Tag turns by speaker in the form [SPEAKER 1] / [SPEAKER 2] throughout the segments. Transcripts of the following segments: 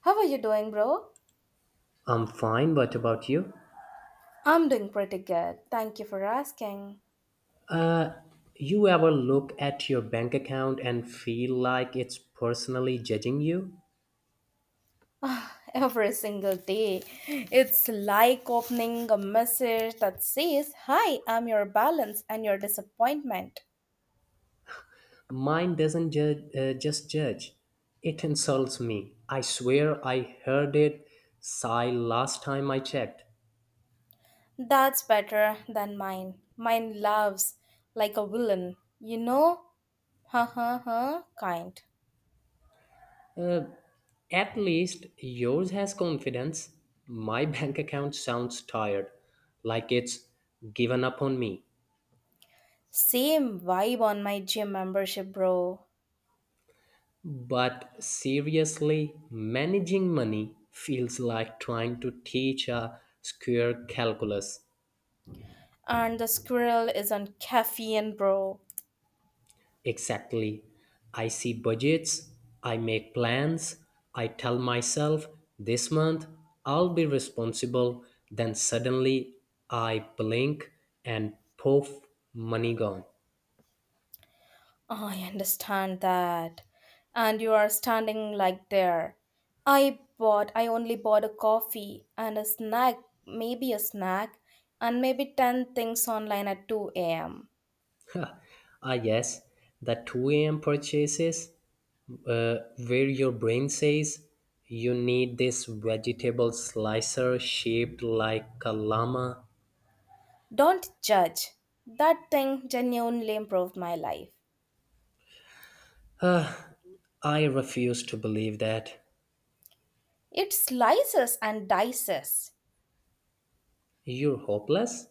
[SPEAKER 1] How are you doing, bro?
[SPEAKER 2] I'm fine, what about you?
[SPEAKER 1] I'm doing pretty good. Thank you for asking.
[SPEAKER 2] You ever look at your bank account and feel like it's personally judging you?
[SPEAKER 1] Every single day, it's like opening a message that says, "Hi, I'm your balance and your disappointment."
[SPEAKER 2] Mine doesn't judge, it insults me. I swear I heard it sigh last time I checked.
[SPEAKER 1] That's better than mine. Mine loves like a villain, you know? Ha ha ha, kind.
[SPEAKER 2] Uh, at least yours has confidence. My bank account sounds tired, like it's given up on me.
[SPEAKER 1] Same vibe on my gym membership, bro.
[SPEAKER 2] But seriously, managing money feels like trying to teach a square calculus.
[SPEAKER 1] And the squirrel is on caffeine, bro.
[SPEAKER 2] Exactly. I see budgets, I make plans, I tell myself this month I'll be responsible, then suddenly I blink and poof, money gone.
[SPEAKER 1] Oh, I understand that. And you are standing like there. I only bought a coffee and a snack, maybe a snack, and maybe 10 things online at 2 a.m.
[SPEAKER 2] Yes, the 2 a.m. purchases, uh, where your brain says you need this vegetable slicer shaped like a llama.
[SPEAKER 1] Don't judge. That thing genuinely improved my life.
[SPEAKER 2] I refuse to believe that.
[SPEAKER 1] It slices and dices.
[SPEAKER 2] You're hopeless?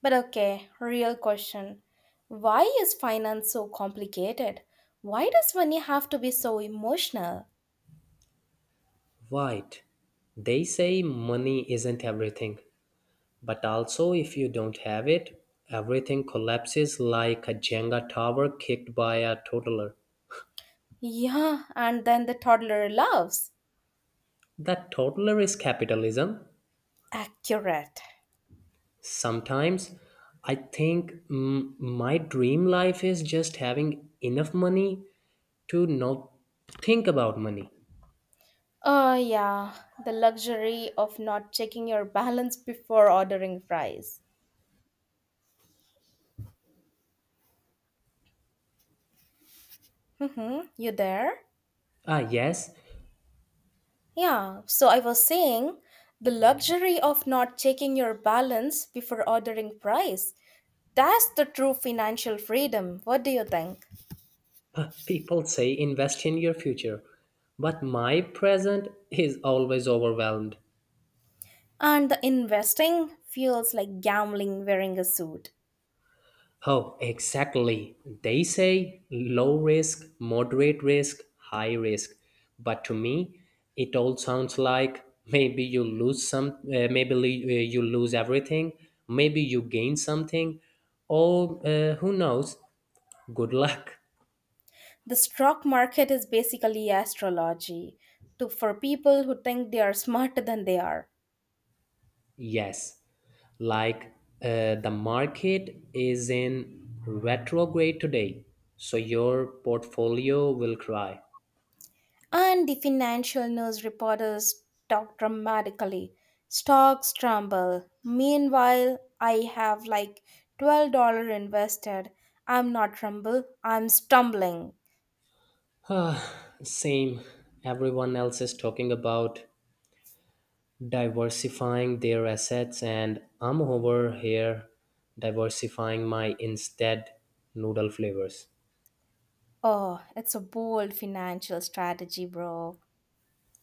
[SPEAKER 1] But okay, real question. Why is finance so complicated? Why does money have to be so emotional?
[SPEAKER 2] Right. They say money isn't everything, but also if you don't have it, everything collapses like a Jenga tower kicked by a toddler.
[SPEAKER 1] Yeah, and then the toddler laughs.
[SPEAKER 2] That toddler is capitalism.
[SPEAKER 1] Accurate.
[SPEAKER 2] Sometimes I think, my dream life is just having enough money to not think about money.
[SPEAKER 1] Oh, yeah, the luxury of not checking your balance before ordering fries. Mm-hmm. You there?
[SPEAKER 2] Ah, yes,
[SPEAKER 1] Yeah, so I was saying the luxury of not checking your balance before ordering fries. That's the true financial freedom. What do you think?
[SPEAKER 2] people say invest in your future, but my present is always overwhelmed.
[SPEAKER 1] And the investing feels like gambling wearing a suit.
[SPEAKER 2] Oh, exactly. They say low risk, moderate risk, high risk. But to me, it all sounds like maybe you lose some, maybe you lose everything, maybe you gain something, or who knows? Good luck.
[SPEAKER 1] The stock market is basically astrology for people who think they are smarter than they are.
[SPEAKER 2] Yes, like the market is in retrograde today, so your portfolio will cry.
[SPEAKER 1] And the financial news reporters talk dramatically. Stocks tremble. Meanwhile, I have like $12 invested. I'm not tremble, I'm stumbling.
[SPEAKER 2] Uh, Same. Everyone else is talking about diversifying their assets, and I'm over here diversifying my instead noodle flavors.
[SPEAKER 1] Oh, it's a bold financial strategy, bro.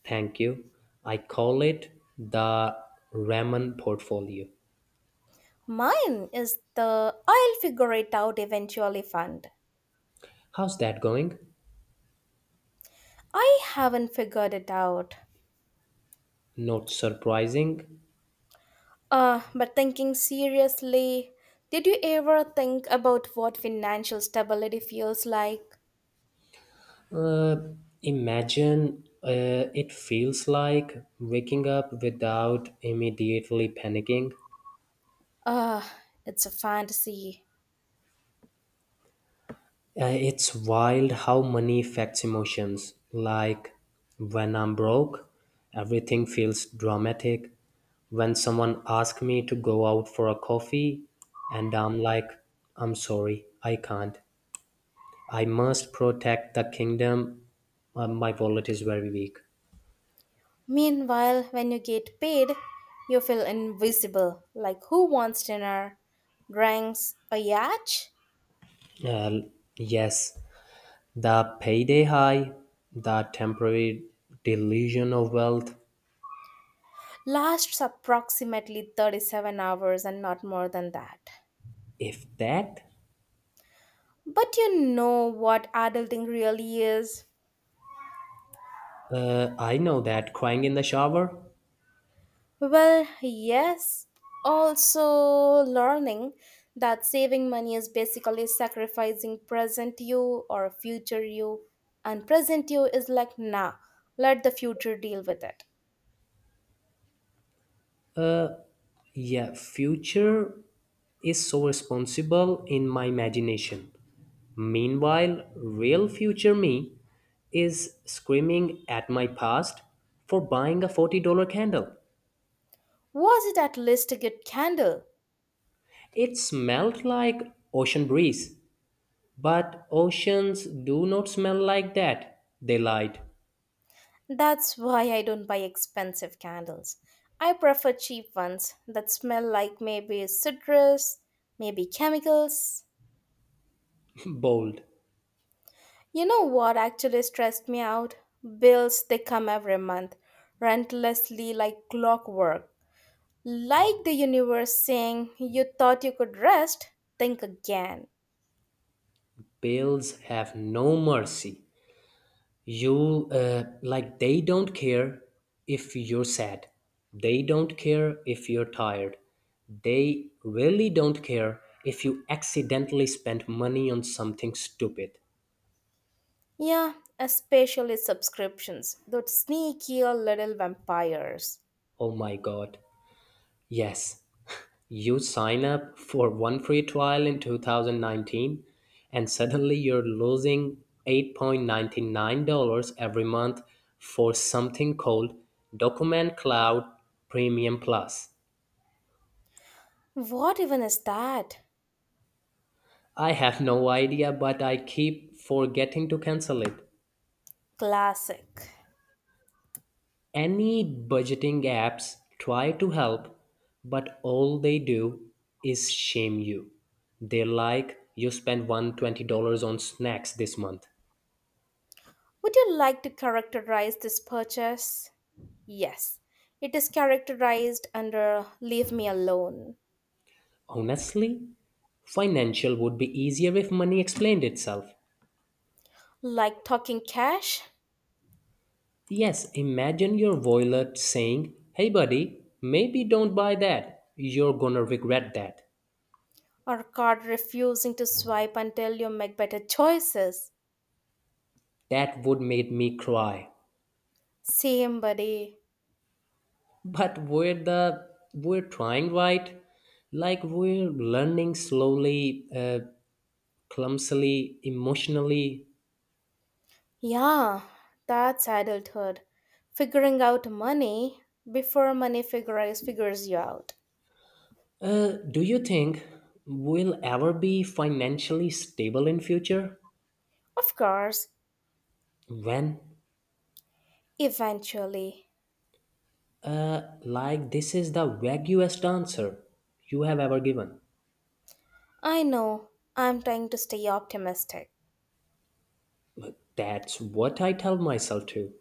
[SPEAKER 2] Thank you. I call it the ramen portfolio.
[SPEAKER 1] Mine is the "I'll figure it out eventually" fund.
[SPEAKER 2] How's that going?
[SPEAKER 1] I haven't figured it out.
[SPEAKER 2] Not surprising.
[SPEAKER 1] But thinking seriously, did you ever think about what financial stability feels like?
[SPEAKER 2] Uh, imagine it feels like waking up without immediately panicking.
[SPEAKER 1] Uh, it's a fantasy.
[SPEAKER 2] It's wild how money affects emotions. Like when I'm broke, everything feels dramatic. When someone asks me to go out for a coffee, and I'm like, I'm sorry, I can't. I must protect the kingdom. My wallet is very weak.
[SPEAKER 1] Meanwhile, when you get paid, you feel invisible, like who wants dinner, drinks, a yacht?
[SPEAKER 2] Uh, yes, the payday high, the temporary delusion of wealth.
[SPEAKER 1] Lasts approximately 37 hours and not more than that.
[SPEAKER 2] If that,
[SPEAKER 1] But you know what adulting really is?
[SPEAKER 2] I know that crying in the shower.
[SPEAKER 1] Well, yes. Also, learning that saving money is basically sacrificing present you or future you, and present you is like, nah, let the future deal with it.
[SPEAKER 2] Yeah, future is so responsible in my imagination. Meanwhile, real future me is screaming at my past for buying a $40 candle.
[SPEAKER 1] Was it at least a good candle?
[SPEAKER 2] It smelled like ocean breeze, but oceans do not smell like that. They lied.
[SPEAKER 1] That's why I don't buy expensive candles. I prefer cheap ones that smell like maybe citrus, maybe chemicals.
[SPEAKER 2] Bold.
[SPEAKER 1] You know what actually stressed me out? Bills, they come every month, relentlessly, like clockwork. Like the universe saying, you thought you could rest, think again.
[SPEAKER 2] Bills have no mercy. You Like they don't care if you're sad, they don't care if you're tired, they really don't care if you accidentally spend money on something stupid.
[SPEAKER 1] Yeah, especially subscriptions, those sneaky little vampires.
[SPEAKER 2] Oh my god, yes, you sign up for one free trial in 2019 and suddenly you're losing $8.99 every month for something called document cloud premium plus.
[SPEAKER 1] What even is that?
[SPEAKER 2] I have no idea, but I keep forgetting to cancel it.
[SPEAKER 1] Classic.
[SPEAKER 2] Any budgeting apps try to help, but all they do is shame you. They're like, you spent $120 on snacks this month.
[SPEAKER 1] Would you like to characterize this purchase? Yes, it is characterized under leave me alone.
[SPEAKER 2] Honestly, financial would be easier if money explained itself.
[SPEAKER 1] Like talking cash?
[SPEAKER 2] Yes, imagine your wallet saying, hey buddy, maybe don't buy that. You're gonna regret that.
[SPEAKER 1] Or card refusing to swipe until you make better choices.
[SPEAKER 2] That would make me cry.
[SPEAKER 1] Same, buddy.
[SPEAKER 2] But we're trying, right? Like we're learning slowly, clumsily, emotionally.
[SPEAKER 1] Yeah, that's adulthood. Figuring out money before money figures you out.
[SPEAKER 2] Do you think we'll ever be financially stable in future?
[SPEAKER 1] Of course,
[SPEAKER 2] When?
[SPEAKER 1] eventually.
[SPEAKER 2] Like this is the vaguest answer you have ever given.
[SPEAKER 1] I know. I'm trying to stay optimistic.
[SPEAKER 2] That's what I tell myself too.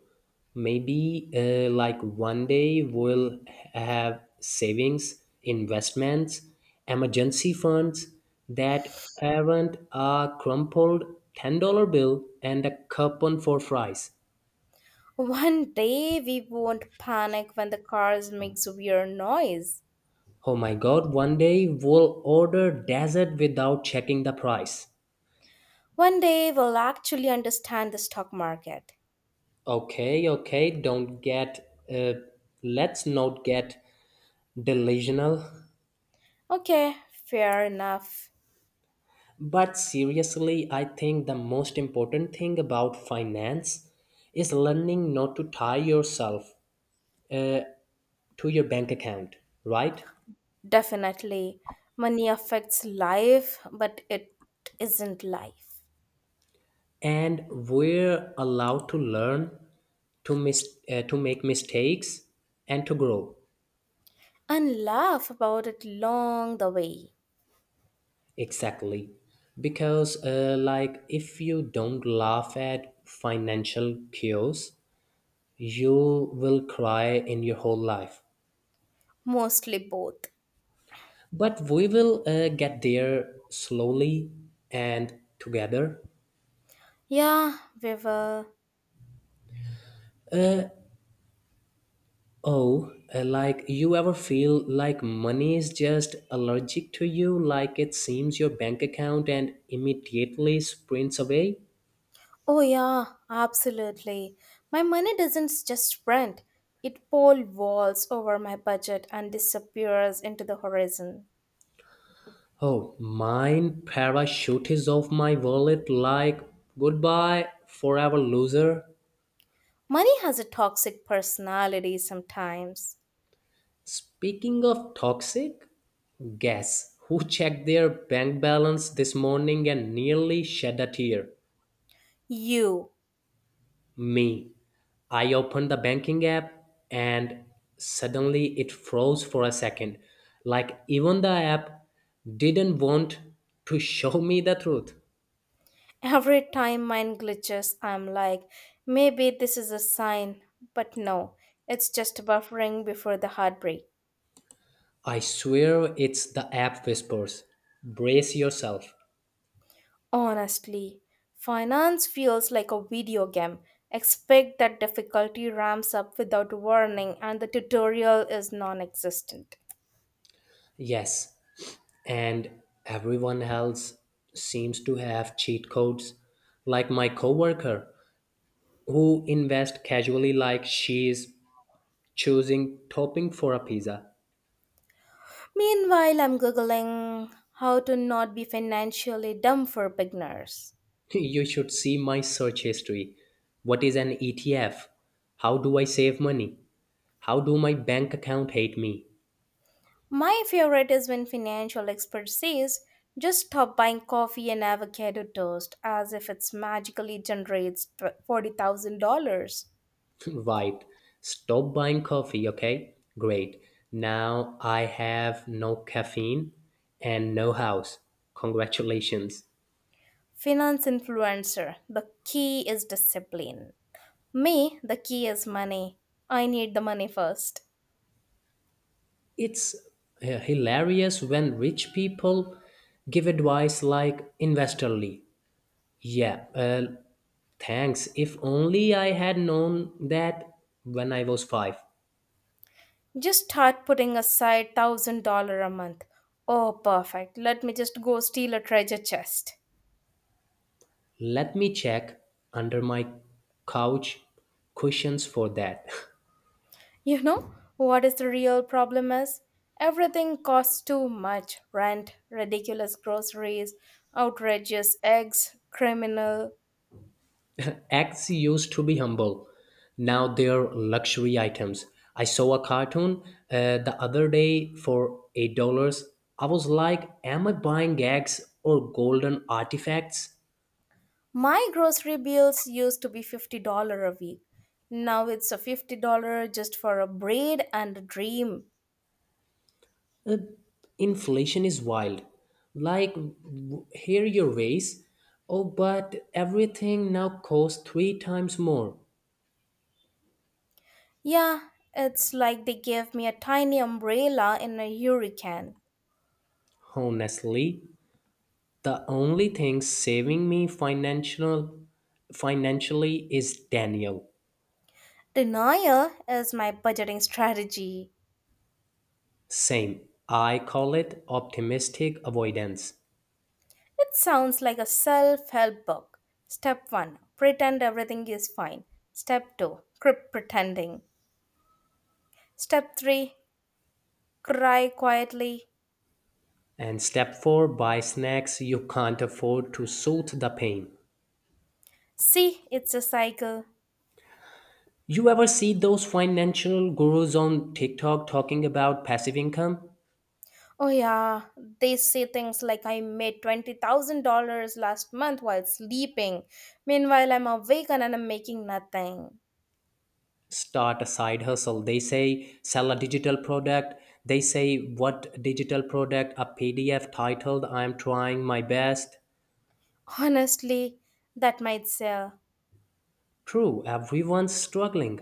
[SPEAKER 2] Maybe like one day we'll have savings, investments, emergency funds that aren't a crumpled $10 bill and a coupon for fries.
[SPEAKER 1] One day we won't panic when the cars makes weird noise.
[SPEAKER 2] Oh my god, one day we'll order dessert without checking the price.
[SPEAKER 1] One day we'll actually understand the stock market.
[SPEAKER 2] Okay, okay, don't get, let's not get delusional.
[SPEAKER 1] Okay, fair enough.
[SPEAKER 2] But seriously, I think the most important thing about finance is learning not to tie yourself, uh, to your bank account, right?
[SPEAKER 1] Definitely. Money affects life, but it isn't life.
[SPEAKER 2] And we're allowed to learn, to make mistakes, and to grow.
[SPEAKER 1] And laugh about it long the way.
[SPEAKER 2] Exactly, because like if you don't laugh at financial chaos, you will cry in your whole life.
[SPEAKER 1] Mostly both.
[SPEAKER 2] But we will get there slowly and together.
[SPEAKER 1] Yeah, we were.
[SPEAKER 2] Oh, like you ever feel like money is just allergic to you, like it seems your bank account and immediately sprints away?
[SPEAKER 1] Oh, yeah, absolutely. My money doesn't just sprint, it pole vaults over my budget and disappears into the horizon.
[SPEAKER 2] Oh, mine parachutes off my wallet like goodbye, forever loser.
[SPEAKER 1] Money has a toxic personality sometimes.
[SPEAKER 2] Speaking of toxic, guess who checked their bank balance this morning and nearly shed a tear?
[SPEAKER 1] You.
[SPEAKER 2] Me. I opened the banking app and suddenly it froze for a second. Like even the app didn't want to show me the truth.
[SPEAKER 1] Every time mine glitches, I'm like, maybe this is a sign. But no, it's just buffering before the heartbreak.
[SPEAKER 2] I swear it's the app whispers. Brace yourself.
[SPEAKER 1] Honestly, finance feels like a video game. Expect that difficulty ramps up without warning and the tutorial is non existent.
[SPEAKER 2] Yes. And everyone else seems to have cheat codes. Like my coworker who invest casually like she's choosing topping for a pizza.
[SPEAKER 1] Meanwhile, I'm googling how to not be financially dumb for beginners.
[SPEAKER 2] You should see my search history. What is an ETF? How do I save money? How do my bank account hate me?
[SPEAKER 1] My favorite is when financial expert says, just stop buying coffee and avocado toast as if it's magically generates $40,000.
[SPEAKER 2] Right. Stop buying coffee, okay? Great. Now I have no caffeine and no house. Congratulations.
[SPEAKER 1] Finance influencer, the key is discipline. Me, the key is money. I need the money first.
[SPEAKER 2] It's hilarious when rich people give advice like investorly. Yeah, thanks. If only I had known that when I was five.
[SPEAKER 1] Just start putting aside $1,000 a month. Oh, perfect. Let me just go steal a treasure chest.
[SPEAKER 2] Let me check under my couch cushions for that.
[SPEAKER 1] You know what is the real problem is? Everything costs too much, rent, ridiculous groceries, outrageous eggs, criminal.
[SPEAKER 2] Eggs used to be humble, now they're luxury items. I saw a cartoon the other day for $8. I was like, am I buying eggs or golden artifacts?
[SPEAKER 1] My grocery bills used to be $50 a week. Now it's a $50 just for a braid and a dream.
[SPEAKER 2] Uh, Inflation is wild. Like, here your ways. Oh, but everything now costs three times more.
[SPEAKER 1] Yeah, it's like they gave me a tiny umbrella in a hurricane.
[SPEAKER 2] Honestly, the only thing saving me financially is Daniel.
[SPEAKER 1] Denial is my budgeting strategy.
[SPEAKER 2] Same. I call it optimistic avoidance.
[SPEAKER 1] It sounds like a self help book. Step 1, pretend everything is fine. Step 2, quit pretending. Step 3, cry quietly.
[SPEAKER 2] And step four, buy snacks you can't afford to soothe the pain.
[SPEAKER 1] See, it's a cycle.
[SPEAKER 2] You ever see those financial gurus on TikTok talking about passive income?
[SPEAKER 1] Oh, yeah, they say things like I made $20,000 last month while sleeping. Meanwhile, I'm awake and I'm making nothing.
[SPEAKER 2] Start a side hustle, they say. Sell a digital product, they say. What digital product? A PDF titled I'm trying my best.
[SPEAKER 1] Honestly, that might sell.
[SPEAKER 2] True, everyone's struggling.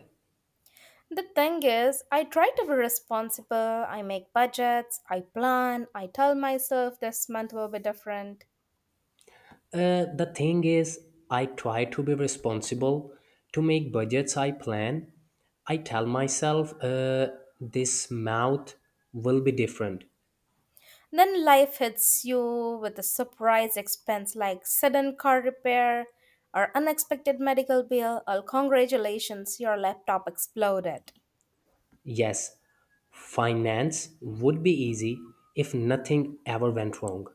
[SPEAKER 1] The thing is, I try to be responsible, I make budgets, I plan, I tell myself this month will be different.
[SPEAKER 2] The thing is, I try to be responsible, to make budgets, I plan. I tell myself, this month will be different.
[SPEAKER 1] Then life hits you with a surprise expense like sudden car repair or unexpected medical bill or congratulations, your laptop exploded.
[SPEAKER 2] Yes, finance would be easy if nothing ever went wrong.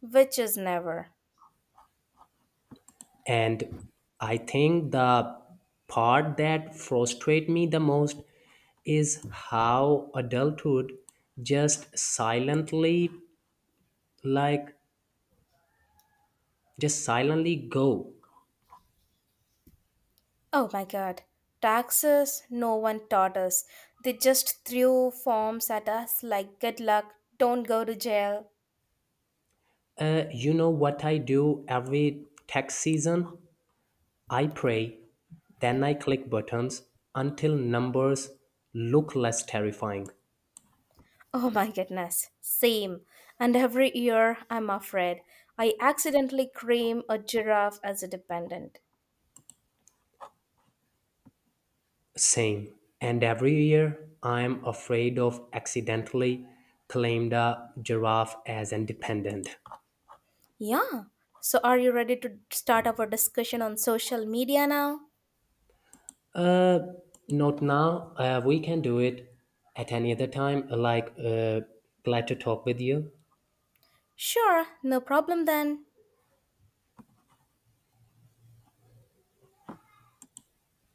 [SPEAKER 1] Which is never.
[SPEAKER 2] And I think the part that frustrates me the most is how adulthood just silently, like, just silently go.
[SPEAKER 1] Oh my god. Taxes, no one taught us. They just threw forms at us like good luck, don't go to jail.
[SPEAKER 2] You know what I do every tax season? I pray, then I click buttons until numbers look less terrifying.
[SPEAKER 1] Oh my goodness, same. And every year, I'm afraid, I accidentally cream a giraffe as a dependent.
[SPEAKER 2] Same. And every year, I'm afraid of accidentally claimed a giraffe as independent.
[SPEAKER 1] Yeah. So, are you ready to start our discussion on social media now?
[SPEAKER 2] Uh, Not now. We can do it at any other time. Like, glad to talk with you.
[SPEAKER 1] Sure, no problem then.